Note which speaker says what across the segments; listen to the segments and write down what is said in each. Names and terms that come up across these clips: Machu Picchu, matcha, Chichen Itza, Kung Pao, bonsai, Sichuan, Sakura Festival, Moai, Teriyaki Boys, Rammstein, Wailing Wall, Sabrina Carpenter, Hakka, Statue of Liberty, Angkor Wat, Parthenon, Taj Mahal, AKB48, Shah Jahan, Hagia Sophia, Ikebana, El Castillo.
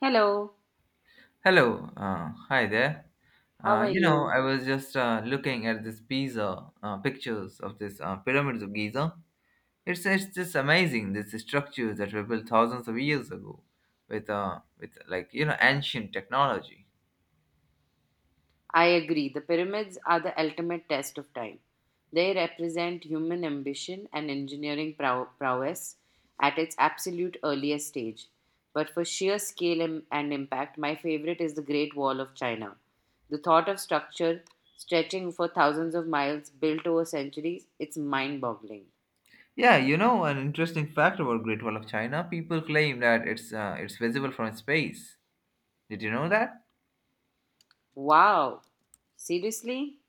Speaker 1: Hello,
Speaker 2: Hello, hi there.
Speaker 1: how are you?
Speaker 2: I was just looking at this Pisa pictures of this pyramids of Giza. It's just amazing these structures that were built thousands of years ago with like ancient technology.
Speaker 1: I agree. The pyramids are the ultimate test of time. They represent human ambition and engineering prowess at its absolute earliest stage. But for sheer scale and impact, my favorite is the Great Wall of China. The thought of structure stretching for thousands of miles, built over centuries, it's mind boggling.
Speaker 2: Yeah, an interesting fact about Great Wall of China. People claim that it's visible from space. Did you know that?
Speaker 1: Wow! Seriously?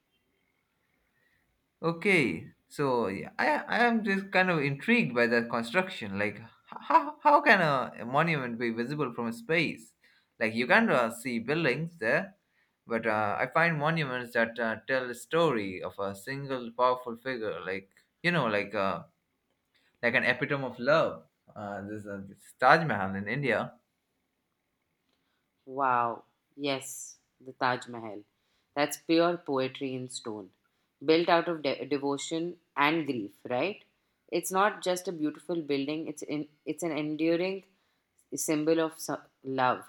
Speaker 2: Okay, so yeah, I am just kind of intrigued by that construction. Like, how can a monument be visible from space? Like, you can see buildings there, but I find monuments that tell a story of a single powerful figure. Like, you know, like uh, like an epitome of love. This Taj Mahal in India.
Speaker 1: Wow, yes, the Taj Mahal. That's pure poetry in stone, built out of devotion and grief, right? It's not just a beautiful building, it's an enduring symbol of love.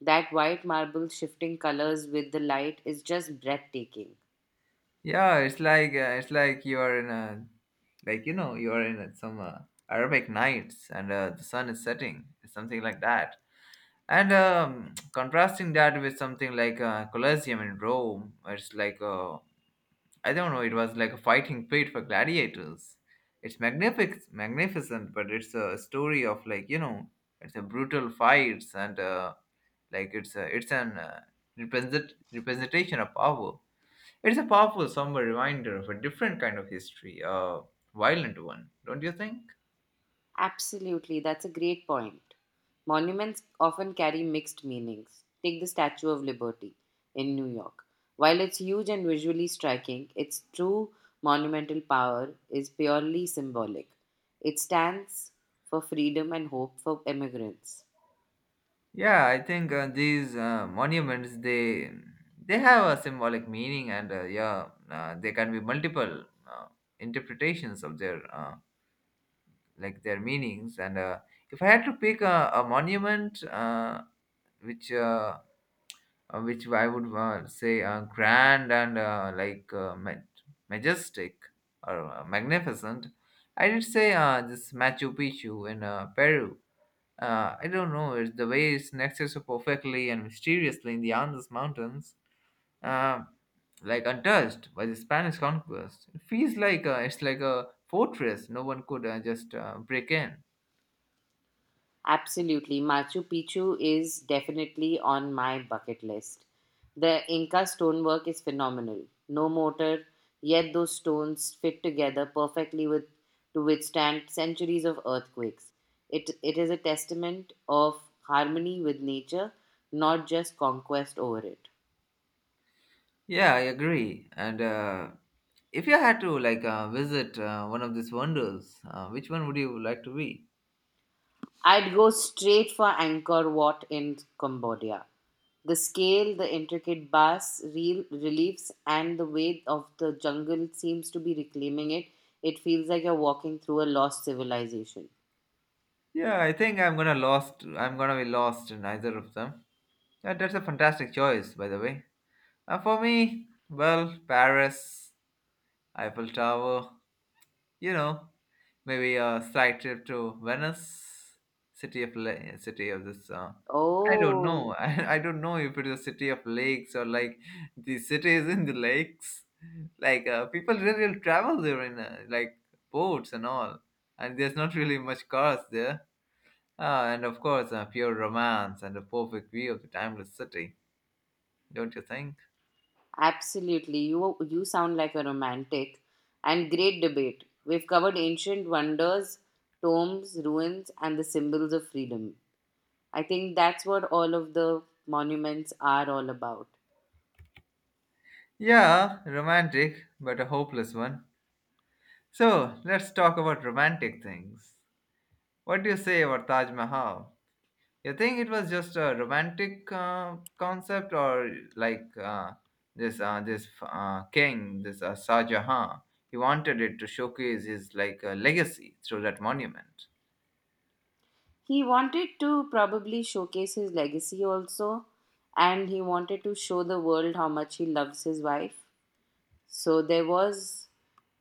Speaker 1: That white marble shifting colors with the light is just breathtaking.
Speaker 2: Yeah, it's like you are in a some Arabic nights and the sun is setting, something like that. And contrasting that with something like Colosseum in Rome, where I don't know, it was like a fighting pit for gladiators. It's magnificent, but it's a story of it's a brutal fights and like it's a, it's an represent- representation of power. It's a powerful, somber reminder of a different kind of history, a violent one, don't you think?
Speaker 1: Absolutely, that's a great point. Monuments often carry mixed meanings. Take the Statue of Liberty in New York. While it's huge and visually striking, its true monumental power is purely symbolic. It stands for freedom and hope for immigrants.
Speaker 2: Yeah, I think these monuments they have a symbolic meaning, and yeah, there can be multiple uh, interpretations of their meanings. And if I had to pick a monument which uh, which I would say grand and majestic or magnificent. I did say this Machu Picchu in Peru. I don't know, it's the way it's nested so perfectly and mysteriously in the Andes Mountains, uh, like untouched by the Spanish conquest. It feels it's like a fortress no one could just break in.
Speaker 1: Absolutely. Machu Picchu is definitely on my bucket list. The Inca stonework is phenomenal. No mortar, yet those stones fit together perfectly with to withstand centuries of earthquakes. It is a testament of harmony with nature, not just conquest over it.
Speaker 2: Yeah, I agree. And if you had to visit one of these wonders, which one would you like to be?
Speaker 1: I'd go straight for Angkor Wat in Cambodia. The scale, the intricate bas reel reliefs, and the way of the jungle seems to be reclaiming it. It feels like you're walking through a lost civilization.
Speaker 2: Yeah, I think I'm gonna lost. I'm gonna be lost in either of them. That's a fantastic choice, by the way. For me, well, Paris, Eiffel Tower. You know, Maybe a slight trip to Venice, city of this. I don't
Speaker 1: Oh,
Speaker 2: know. I don't know if it is a city of lakes or like the city is in the lakes. Like people really will travel there in like boats and all, and there's not really much cars there. Ah, and of course, pure romance and a perfect view of the timeless city, don't you think?
Speaker 1: absolutely. You sound like a romantic and great debate. We've covered ancient wonders, tombs, ruins, and the symbols of freedom. I think that's what all of the monuments are all about.
Speaker 2: Yeah, romantic, but a hopeless one. So let's talk about romantic things. What do you say about Taj Mahal? You think it was just a romantic concept, or like this this king, this Shah Jahan? He wanted it to showcase his legacy through that monument.
Speaker 1: He wanted to probably showcase his legacy also, and he wanted to show the world how much he loves his wife, so there was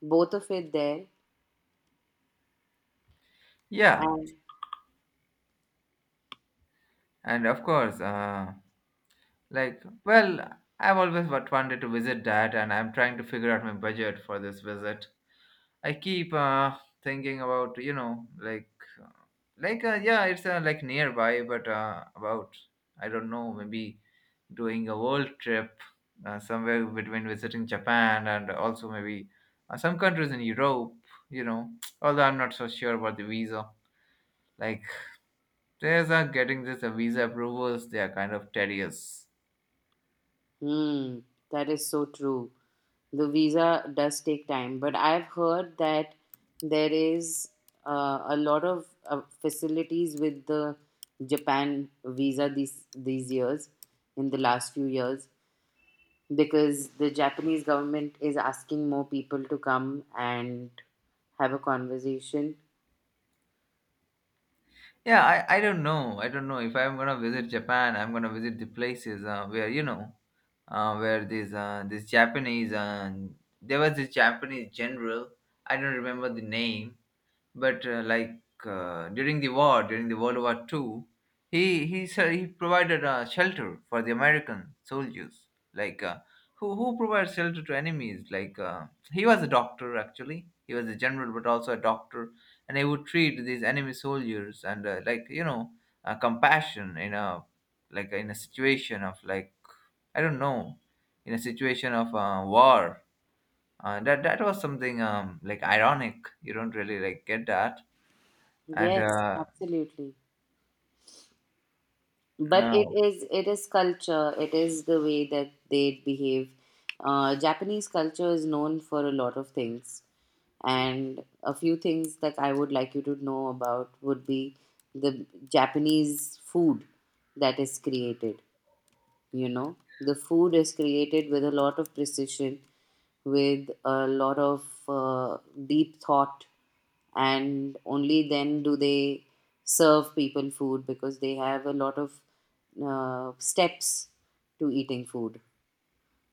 Speaker 1: both of it there.
Speaker 2: Yeah,
Speaker 1: And
Speaker 2: and of course, well, wanted to visit that, and I'm trying to figure out my budget for this visit. I keep thinking about like yeah it's like nearby but about I don't know maybe doing a world trip somewhere between visiting Japan and also maybe some countries in Europe. you know Although I'm not so sure about the visa. Like there's getting this visa approvals they are kind of tedious.
Speaker 1: hmm, that is so true. The visa does take time, but I've heard that there is a lot of facilities with the Japan visa these years, in the last few years, because the Japanese government is asking more people to come and have a conversation.
Speaker 2: Yeah, I don't know if I'm gonna visit Japan. I'm gonna visit the places where you know where this this Japanese there was this Japanese general. I don't remember the name, but during the war, during the World War II, he provided shelter for the American soldiers. Like who provides shelter to enemies? Like he was a doctor actually. He was a general, but also a doctor, and he would treat these enemy soldiers and like compassion in a like in a situation of like I don't know, in a situation of war. That was something like ironic. You don't really like get that. And
Speaker 1: Yes, absolutely. But it
Speaker 2: no,
Speaker 1: is it is culture. It is the way that they behave. Japanese culture is known for a lot of things, and a few things that I would like you to know about would be the Japanese food that is created. You know, the food is created with a lot of precision, with a lot of deep thought, and only then do they serve people food, because they have a lot of steps to eating food,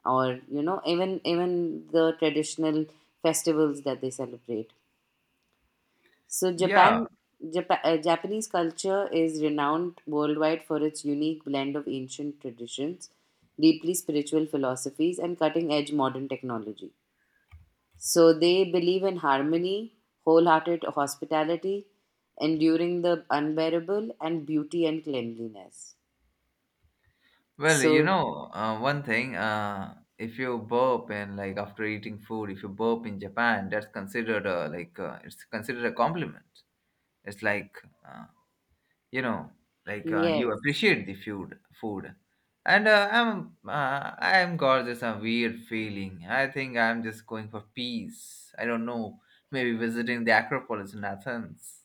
Speaker 1: or, you know, even the traditional festivals that they celebrate. So
Speaker 2: yeah.
Speaker 1: Japan, Japanese culture is renowned worldwide for its unique blend of ancient traditions, deeply spiritual philosophies, and cutting-edge modern technology. So they believe in harmony, wholehearted hospitality, enduring the unbearable, and beauty and cleanliness.
Speaker 2: Well,
Speaker 1: So
Speaker 2: one thing. If you burp and like after eating food, if you burp in Japan, that's considered a, like it's considered a compliment. It's you know you
Speaker 1: yes,
Speaker 2: appreciate the food. And I'm got just a weird feeling. I think I'm just going for peace. I don't know, maybe visiting the Acropolis in Athens.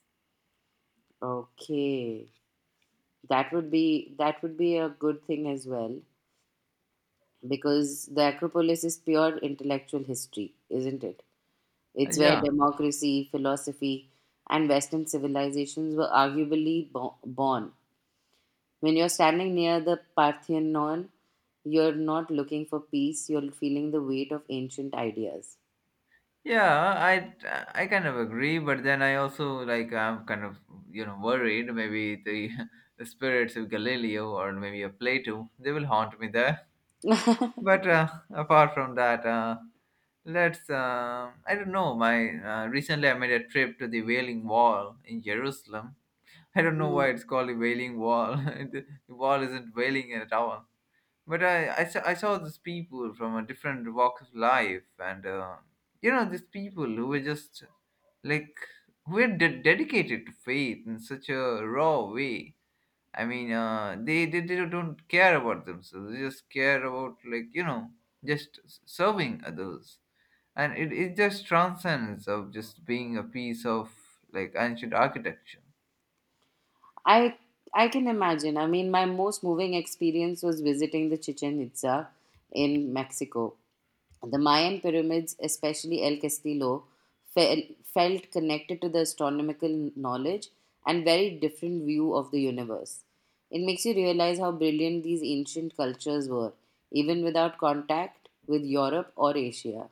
Speaker 1: okay, that would be a good thing as well, because the Acropolis is pure intellectual history, isn't it? It's where
Speaker 2: Yeah,
Speaker 1: democracy, philosophy, and Western civilizations were arguably born. When you're standing near the Parthenon, you're not looking for peace, you're feeling the weight of ancient ideas.
Speaker 2: yeah, i I kind of agree, but then I also like I'm kind of worried. Maybe the spirits of Galileo or maybe a Plato they will haunt me there. But apart from that Let's, I don't know, my, recently I made a trip to the Wailing Wall in Jerusalem. I don't know why it's called the Wailing Wall. The wall isn't wailing at all. But I saw these people from a different walk of life, and these people who were just like who are dedicated to faith in such a raw way. I mean they don't care about themselves. They just care about just serving others, and it just transcends of just being a piece of like ancient architecture.
Speaker 1: I I can imagine. I mean, my most moving experience was visiting the Chichen Itza in Mexico. The Mayan pyramids, especially El Castillo, felt connected to the astronomical knowledge and very different view of the universe. It makes you realize how brilliant these ancient cultures were, even without contact with Europe or Asia.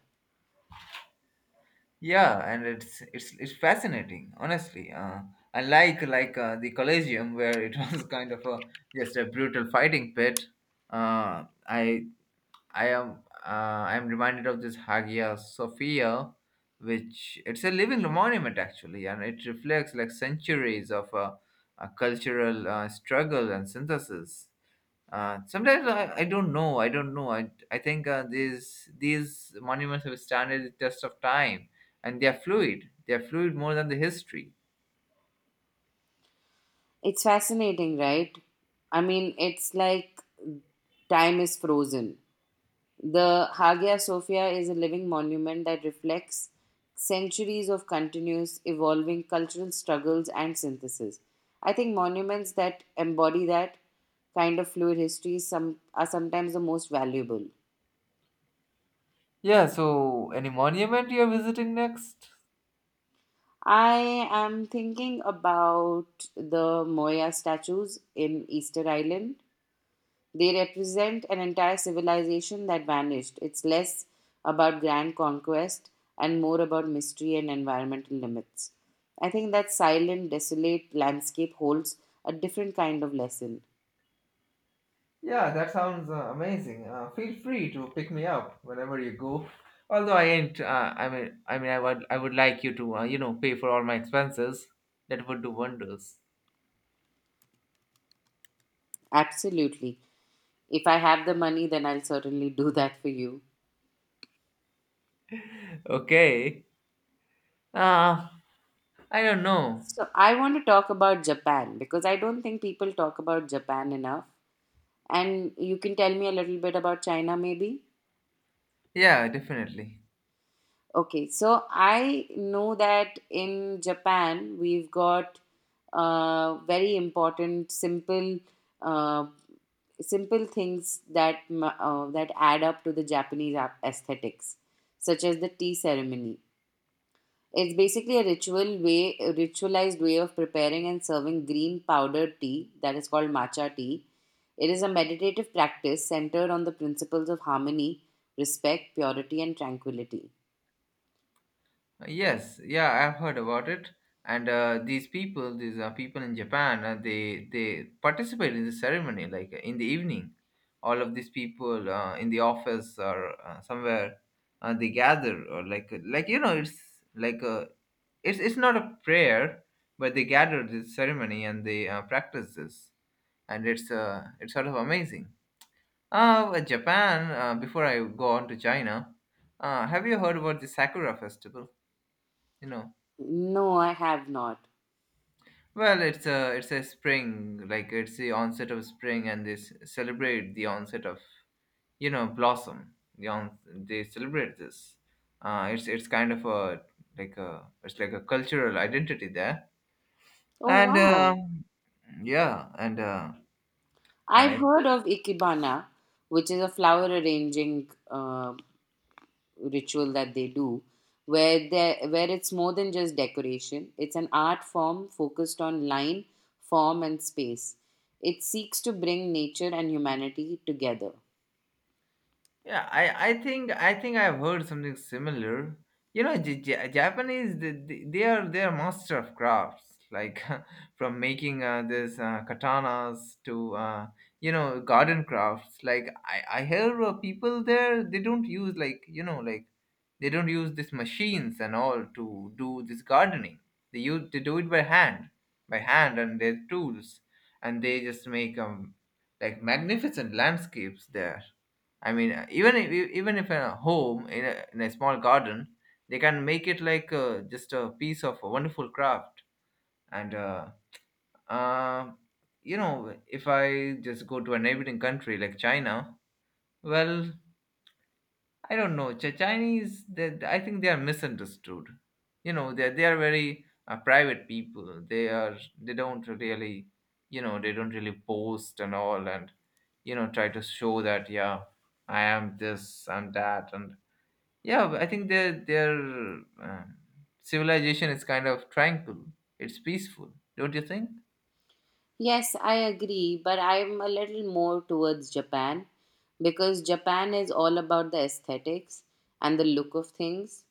Speaker 2: Yeah, and it's fascinating honestly. Unlike the Colosseum, where it was kind of a just a brutal fighting pit. uh i I am uh, I am reminded of this Hagia Sophia, which it's a living monument actually, and it reflects like centuries of cultural struggle and synthesis. Sometimes I don't know. I think these monuments have standed the test of time, and they are fluid. They are fluid more than the history.
Speaker 1: It's fascinating, right? I mean, it's like time is frozen. The Hagia Sophia is a living monument that reflects centuries of continuous evolving cultural struggles and synthesis. I think monuments that embody that kind of fluid history are sometimes the most valuable.
Speaker 2: Yeah. So, any monument you are visiting next?
Speaker 1: I am thinking about the Moya statues in Easter Island. They represent an entire civilization that vanished. It's less about grand conquest and more about mystery and environmental limits. I think that silent, desolate landscape holds a different kind of lesson.
Speaker 2: Yeah, that sounds amazing. Feel free to pick me up whenever you go. Although I ain't, I mean, I would like you to, pay for all my expenses. That would do wonders.
Speaker 1: Absolutely. If I have the money, then I'll certainly do that for you.
Speaker 2: Okay. Uh, I don't know.
Speaker 1: So, I want to talk about Japan, because I don't think people talk about Japan enough. And you can tell me a little bit about China, maybe?
Speaker 2: Yeah, definitely.
Speaker 1: Okay, so I know that in Japan we've got very important, simple, uh, simple things that that add up to the Japanese aesthetics, such as the tea ceremony. It's basically a ritual way, a ritualized way of preparing and serving green powdered tea that is called matcha tea. It is a meditative practice centered on the principles of harmony, respect, purity, and tranquility.
Speaker 2: Yes, yeah, I've heard about it. And these people in Japan, they participate in the ceremony, like in the evening. All of these people in the office or somewhere, they gather or it's not a prayer, but they gather this ceremony and they practice this, and it's sort of amazing. But Japan. Before I go on to China, have you heard about the Sakura Festival? You know
Speaker 1: No, I have not.
Speaker 2: Well, it's a spring, like it's the onset of spring, and celebrate the onset of blossom. They celebrate this. It's kind of a like a it's like a cultural identity there.
Speaker 1: Oh,
Speaker 2: And
Speaker 1: wow.
Speaker 2: yeah, and
Speaker 1: I've
Speaker 2: I
Speaker 1: heard of Ikebana, which is a flower arranging ritual that they do, where they where it's more than just decoration. It's an art form focused on line, form, and space. It seeks to bring nature and humanity together.
Speaker 2: Yeah, I think I've heard something similar. Japanese they are master of crafts, like from making this katanas to garden crafts. Like I hear people there they don't use like you know like they don't use these machines and all to do this gardening. They do it by hand and their tools, and they just make like magnificent landscapes there. I mean, even if a home in in a small garden, they can make it just a piece of a wonderful craft. And uh, uh, if I just go to a neighboring country like China, well, I don't know. Chinese, I think they are misunderstood. They are very private people. They don't really boast and all, and try to show that yeah, I am this, I'm that, and yeah, but I think their uh, civilization is kind of tranquil. It's peaceful, don't you think?
Speaker 1: Yes, I agree, but I'm a little more towards Japan, because Japan is all about the aesthetics and the look of things.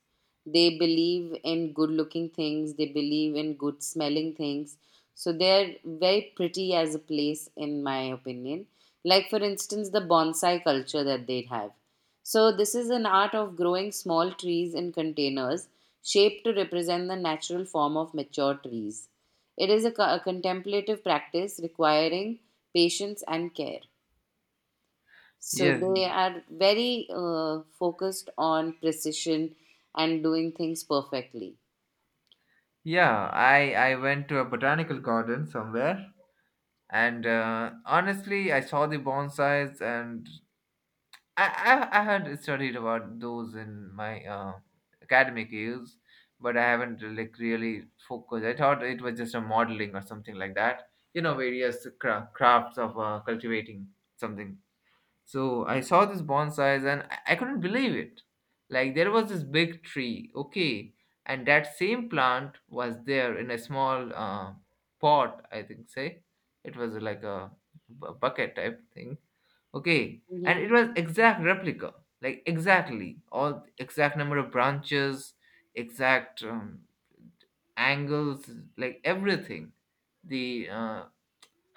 Speaker 1: They believe in good looking things, they believe in good smelling things. So they're very pretty as a place, in my opinion. Like, for instance, the bonsai culture that they have. So, this is an art of growing small trees in containers shaped to represent the natural form of mature trees. It is a contemplative practice requiring patience and care. So
Speaker 2: Yes.
Speaker 1: they are very focused on precision and doing things perfectly.
Speaker 2: Yeah, I went to a botanical garden somewhere, and honestly, I saw the bonsais, and I I had studied about those in my academic years, but I haven't like really focused. I thought it was just a modeling or something like that. You know, various crafts of cultivating something. So I saw this bonsais and I couldn't believe it. Like there was this big tree, okay, and that same plant was there in a small pot, I think, say. It was like a bucket type thing, okay, and
Speaker 1: Hmm.
Speaker 2: it was exact replica, like exactly all exact number of branches, exact angles, like everything. The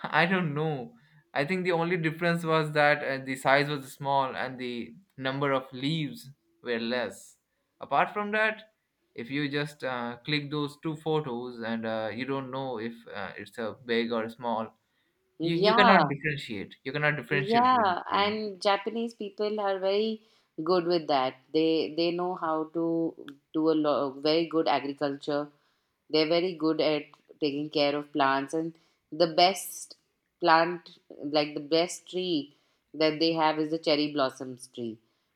Speaker 2: I don't know. I think the only difference was that the size was small and the number of leaves were less. Apart from that, if you just click those two photos and you don't know if it's a big or small, you cannot
Speaker 1: Yeah,
Speaker 2: differentiate. You cannot differentiate between
Speaker 1: yeah,
Speaker 2: the two.
Speaker 1: and Japanese people are very good with that. They know how to do a lot very good agriculture. They're very good at taking care of plants, and the best plant, like the best tree that they have, is the cherry blossoms tree,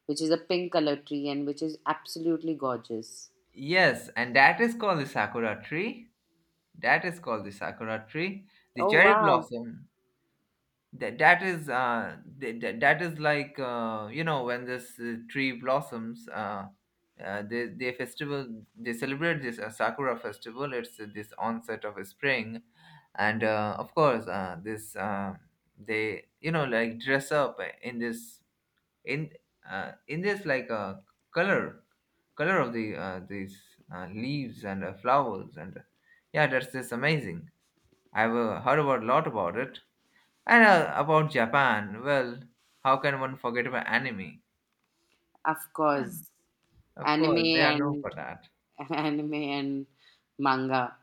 Speaker 1: which is a pink color tree and which is absolutely gorgeous.
Speaker 2: Yes, and that is called the sakura tree. That is called the sakura tree. The
Speaker 1: Oh
Speaker 2: cherry
Speaker 1: wow!
Speaker 2: blossom, that is that is like you know when this tree blossoms, they festival, they celebrate this sakura festival. It's this onset of spring, and of course, this they, you know, like dress up in this in in this like color, color of the these leaves and flowers. And yeah, that's just amazing. I've heard about a lot about it, and about Japan, well, how can one forget about anime?
Speaker 1: Of
Speaker 2: Yeah,
Speaker 1: course,
Speaker 2: of course,
Speaker 1: anime
Speaker 2: they are known for
Speaker 1: and
Speaker 2: that.
Speaker 1: anime and manga.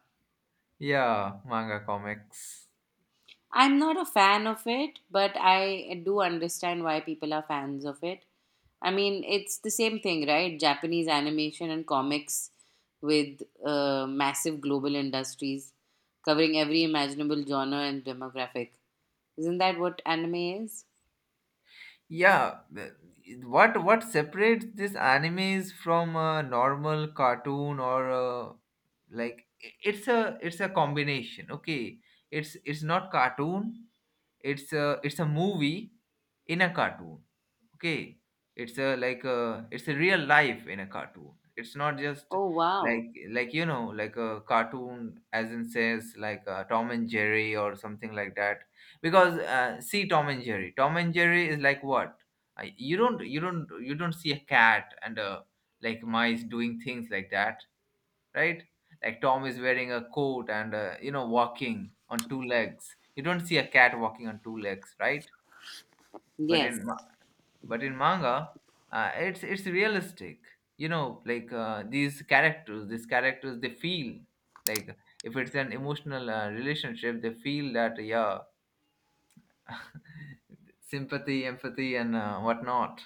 Speaker 2: Yeah, manga comics.
Speaker 1: I'm not a fan of it, but I do understand why people are fans of it. I mean, it's the same thing, right? Japanese animation and comics with massive global industries covering every imaginable genre and demographic. Isn't that what anime is?
Speaker 2: Yeah, the- what separates these animes from a normal cartoon or it's a, combination. Okay, it's not cartoon. It's a, it's a movie in a cartoon. Okay, it's a, like a, it's a real life in a cartoon. It's not just
Speaker 1: Oh, wow.
Speaker 2: like, you know, like a cartoon as in says like Tom and Jerry or something like that. Because see, Tom and Jerry, Tom and Jerry is like what? You don't you don't you don't see a cat and mice doing things like that, right? Like Tom is wearing a coat and, you know, walking on two legs. You don't see a cat walking on two legs, right? but
Speaker 1: Yes.
Speaker 2: in but in manga, it's realistic. You know, like, these characters, these characters they feel like if it's an emotional relationship, they feel that, yeah, sympathy, empathy and, whatnot.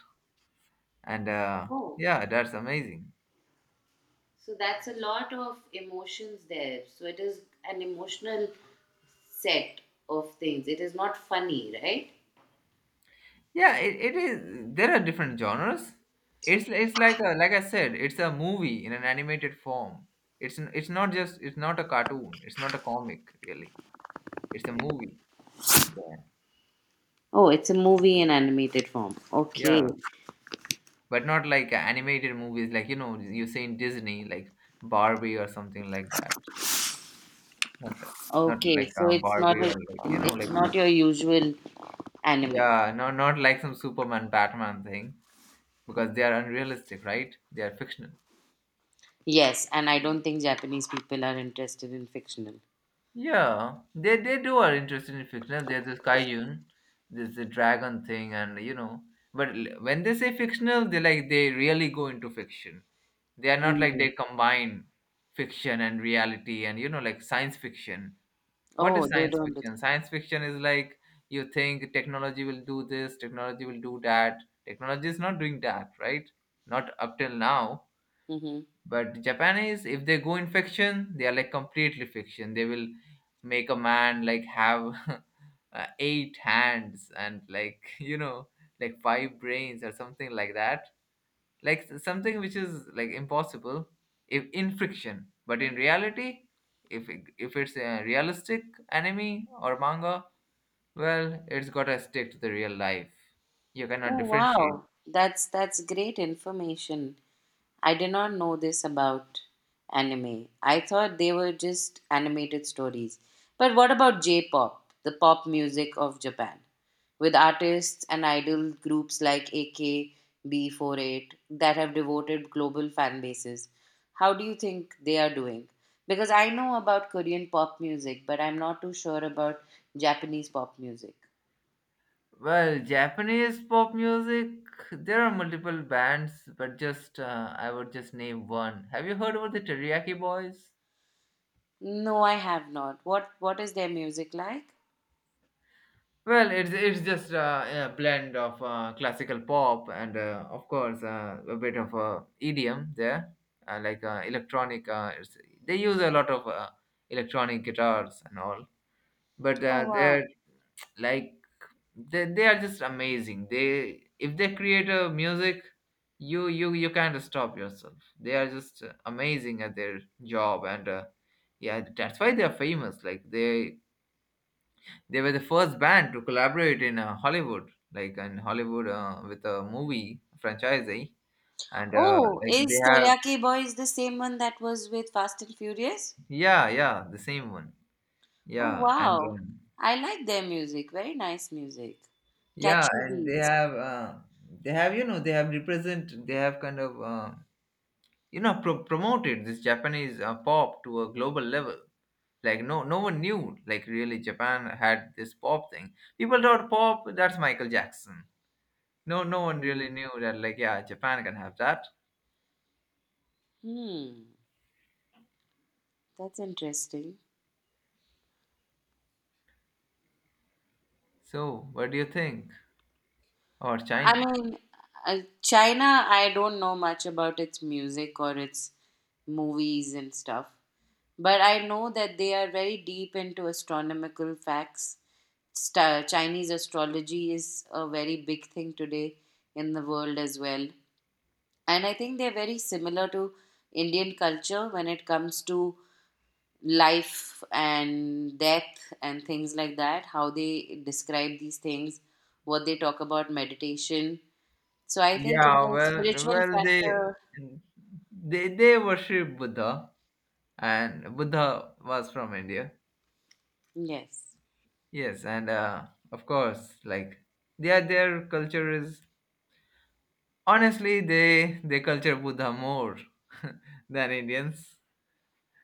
Speaker 2: And
Speaker 1: Oh,
Speaker 2: Yeah, that's amazing.
Speaker 1: so that's a lot of emotions there. So it is an emotional set of things. It is not funny, right?
Speaker 2: Yeah, it is. There are different genres. It's like a, like I said, it's a movie in an animated form. It's not just, it's not a cartoon, it's not a comic, really. It's a movie. Yeah.
Speaker 1: Oh, it's a movie in animated form. Okay.
Speaker 2: Yeah, but not like animated movies like, you know, you say in Disney, like Barbie or something like that. Not that- Not
Speaker 1: Okay.
Speaker 2: like
Speaker 1: So
Speaker 2: Barbie or, like, you know,
Speaker 1: it's
Speaker 2: like
Speaker 1: not your usual anime.
Speaker 2: yeah, no, not like some Superman Batman thing, because they are unrealistic, right? They are fictional.
Speaker 1: Yes, and I don't think Japanese people are interested in fictional.
Speaker 2: Yeah, they do are interested in fictional. There's this Kaijun, there's the dragon thing, and you know. When they say fictional, they like they really go into fiction. They are not like,
Speaker 1: Mhm.
Speaker 2: they combine fiction and reality and, you know, like science fiction. What
Speaker 1: Oh,
Speaker 2: is
Speaker 1: they
Speaker 2: science
Speaker 1: don't do that.
Speaker 2: fiction? Science fiction is like, you think technology will do this, technology will do that. Technology is not doing that, right? Not up till now.
Speaker 1: Hmm.
Speaker 2: But Japanese, if they go in fiction, they are like completely fiction. They will make a man like have eight hands and like you know, like five brains or something like that, something which is like impossible. If in friction, but in reality, if it's a realistic anime or manga, well, it's gotta stick to the real life. You cannot
Speaker 1: Oh,
Speaker 2: differentiate.
Speaker 1: wow. That's great information. I did not know this about anime. I thought they were just animated stories. But what about J pop, the pop music of Japan? With artists and idol groups like AKB48 that have devoted global fan bases. How do you think they are doing? Because I know about Korean pop music, but I'm not too sure about Japanese pop music.
Speaker 2: Well, Japanese pop music, there are multiple bands, but just, I would just name one. Have you heard about the Teriyaki Boys?
Speaker 1: No, I have not. What is their music like?
Speaker 2: Well, it's just a blend of classical pop and of course a bit of EDM there, like electronic. It's, they use a lot of electronic guitars and all, but
Speaker 1: Oh wow.
Speaker 2: they're like, they are just amazing. They, if they create a music, you you can't stop yourself. They are just amazing at their job, and yeah, that's why they are famous. Like they were the first band to collaborate in Hollywood, like in Hollywood with a movie franchise, and
Speaker 1: Oh,
Speaker 2: like
Speaker 1: is
Speaker 2: they have
Speaker 1: Teriyaki Boys the same one that was with Fast and Furious?
Speaker 2: yeah, yeah, the same one,
Speaker 1: Oh,
Speaker 2: yeah, and
Speaker 1: wow. I like their music. Very nice music.
Speaker 2: yeah,
Speaker 1: Catchy
Speaker 2: and they
Speaker 1: beats.
Speaker 2: have they have, you know, they have represent, they have kind of you know, promoted this Japanese pop to a global level. Like no, no one knew, like really Japan had this pop thing. People thought pop, that's Michael Jackson. No, no one really
Speaker 1: Hmm.
Speaker 2: knew that, like yeah, Japan can have that.
Speaker 1: Hmm. That's interesting.
Speaker 2: So, what do you think? Or
Speaker 1: I
Speaker 2: China?
Speaker 1: mean, China, I don't know much about its music or its movies and stuff. But I know that they are very deep into astronomical facts. Sta Chinese astrology is a very big thing today in the world as well. And I think they're very similar to Indian culture when it comes to life and death and things like that, how they describe these things, what they talk about meditation. So I think in
Speaker 2: Yeah,
Speaker 1: the
Speaker 2: well,
Speaker 1: spiritual
Speaker 2: well, they
Speaker 1: factor,
Speaker 2: they worship Buddha, and Buddha was from India.
Speaker 1: yes.
Speaker 2: Yes, and of course, like their culture is, honestly, they culture Buddha more than Indians,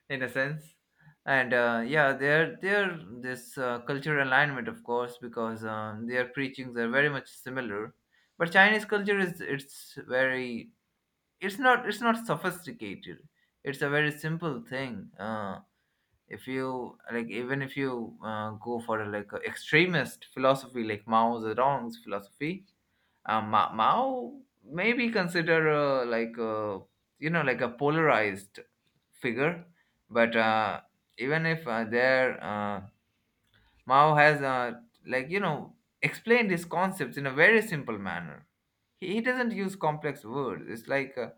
Speaker 2: in a sense, and yeah, their this cultural alignment, of course, because their preachings are very much similar. But Chinese culture is, it's very, it's not sophisticated. It's a very simple thing. If you like, even if you go for a, like a extremist philosophy like Mao Zedong's philosophy, Mao may be considered like a, you know, like a polarized figure. But even if there Mao has like, you know, explained his concepts in a very simple manner. He doesn't use complex words. It's like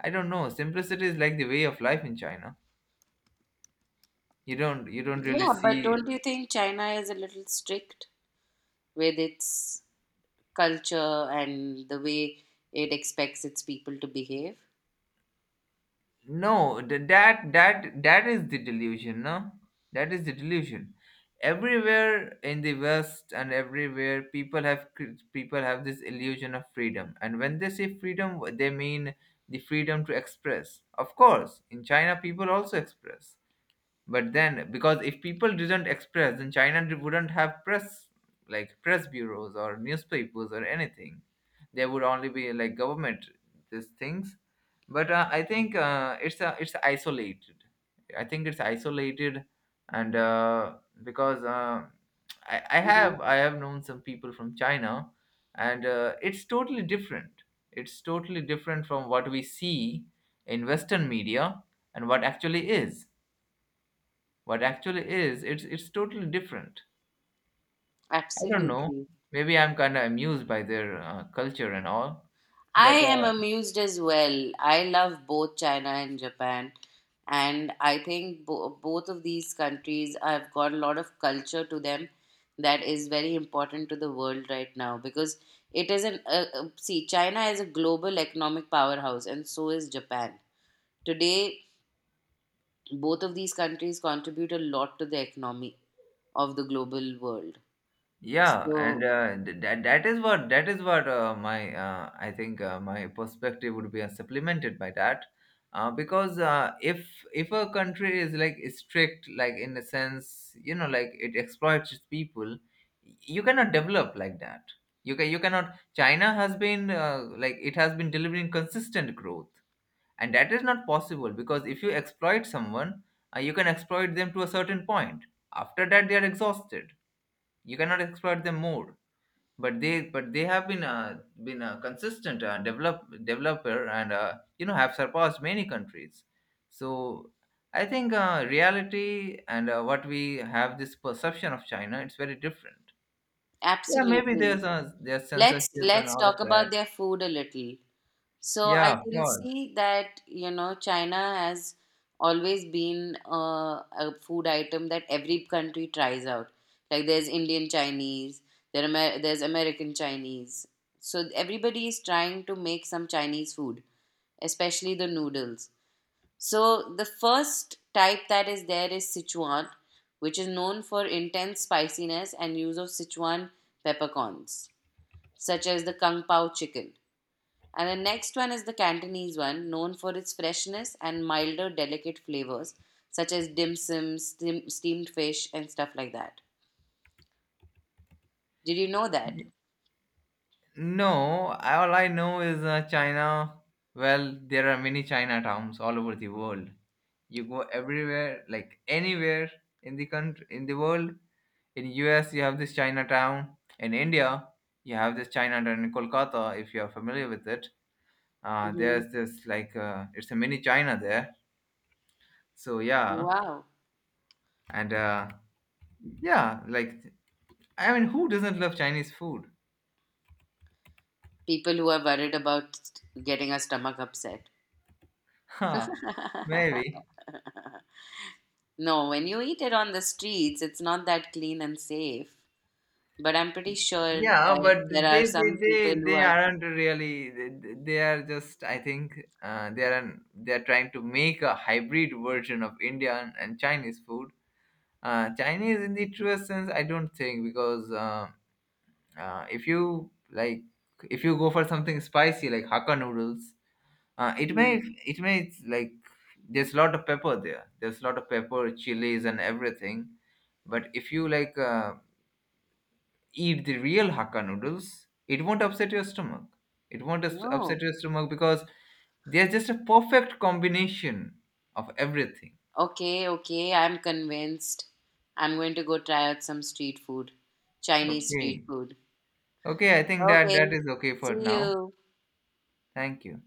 Speaker 2: I don't know. Simplicity is like the way of life in China. You don't really
Speaker 1: Yeah, but don't
Speaker 2: see,
Speaker 1: you think China is a little strict with its culture and the way it expects its people to behave?
Speaker 2: no, that is the delusion, no? That is the delusion. Everywhere in the West and everywhere people have people have this illusion of freedom. And when they say freedom, they mean the freedom to express. Of course, in China people also express. But then, because if people didn't express, then China wouldn't have press, like press bureaus or newspapers or anything. There would only be like government, these things. But I think it's isolated. I think it's isolated. And because
Speaker 1: Hmm.
Speaker 2: I have known some people from China, and it's totally different. It's totally different from what we see in western media, and what actually is, what actually is, it's totally different. I don't know.
Speaker 1: Absolutely.
Speaker 2: Maybe I'm kind of amused by their culture and all,
Speaker 1: I
Speaker 2: but
Speaker 1: am amused as well. I love both China and Japan. And I think both of these countries have got a lot of culture to them that is very important to the world right now, because it is an. See, China is a global economic powerhouse, and so is Japan. Today, both of these countries contribute a lot to the economy of the global world.
Speaker 2: yeah, and
Speaker 1: So,
Speaker 2: that is what, that is what my I think my perspective would be supplemented by that. Because if a country is like strict, like in a sense, you know, like it exploits its people, you cannot develop like that. You cannot. China has been like, it has been delivering consistent growth, and that is not possible, because if you exploit someone, you can exploit them to a certain point. After that, they are exhausted. You cannot exploit them more. But they have been a consistent developer, and you know, have surpassed many countries. So I think reality and what we have, this perception of China, it's very different. Yeah, maybe
Speaker 1: absolutely.
Speaker 2: there's a, there's
Speaker 1: Let's
Speaker 2: censorship and all of
Speaker 1: talk about
Speaker 2: that.
Speaker 1: their food a little. So I
Speaker 2: Yeah, of
Speaker 1: can
Speaker 2: course.
Speaker 1: see that, you know, China has always been a food item that every country tries out. Like, there's Indian Chinese, there Amer- there's American Chinese. So everybody is trying to make some Chinese food, especially the noodles. So the first type that is there is Sichuan, which is known for intense spiciness and use of Sichuan peppercorns, such as the Kung Pao chicken. And the next one is the Cantonese one, known for its freshness and milder, delicate flavors, such as dim sum, steamed fish, and stuff like that. Did you know that?
Speaker 2: No, I- all I know is China. Well, there are many Chinatowns all over the world. You go everywhere, like anywhere in the country, in the world. In US, you have this Chinatown. In India, you have this Chinatown in Kolkata. If you are familiar with it,
Speaker 1: Mm-hmm.
Speaker 2: there's this like it's a mini China there. So
Speaker 1: Oh,
Speaker 2: yeah,
Speaker 1: wow.
Speaker 2: and yeah, like I mean, who doesn't love Chinese food?
Speaker 1: People who are worried about getting a stomach upset.
Speaker 2: Huh, maybe.
Speaker 1: No, when you eat it on the streets, it's not that clean and safe. But I'm pretty sure
Speaker 2: Yeah,
Speaker 1: that
Speaker 2: but
Speaker 1: there are some people who
Speaker 2: they
Speaker 1: are.
Speaker 2: aren't really. They are just. I think they are an, they are trying to make a hybrid version of Indian and Chinese food. Chinese, in the truest sense, I don't think, because if you like, if you go for something spicy like Hakka noodles, it
Speaker 1: Mm,
Speaker 2: may, it may like, there's a lot of pepper there. There's a lot of pepper, chilies, and everything. But if you like. Eat the real Hakka noodles, it won't upset your stomach. It won't
Speaker 1: no.
Speaker 2: upset your stomach, because they're just a perfect combination of everything.
Speaker 1: Okay, okay, I'm convinced. I'm going to go try out some street food, Chinese street
Speaker 2: Okay.
Speaker 1: food.
Speaker 2: Okay, I think that
Speaker 1: Okay,
Speaker 2: that is okay for
Speaker 1: see
Speaker 2: now.
Speaker 1: you.
Speaker 2: Thank you.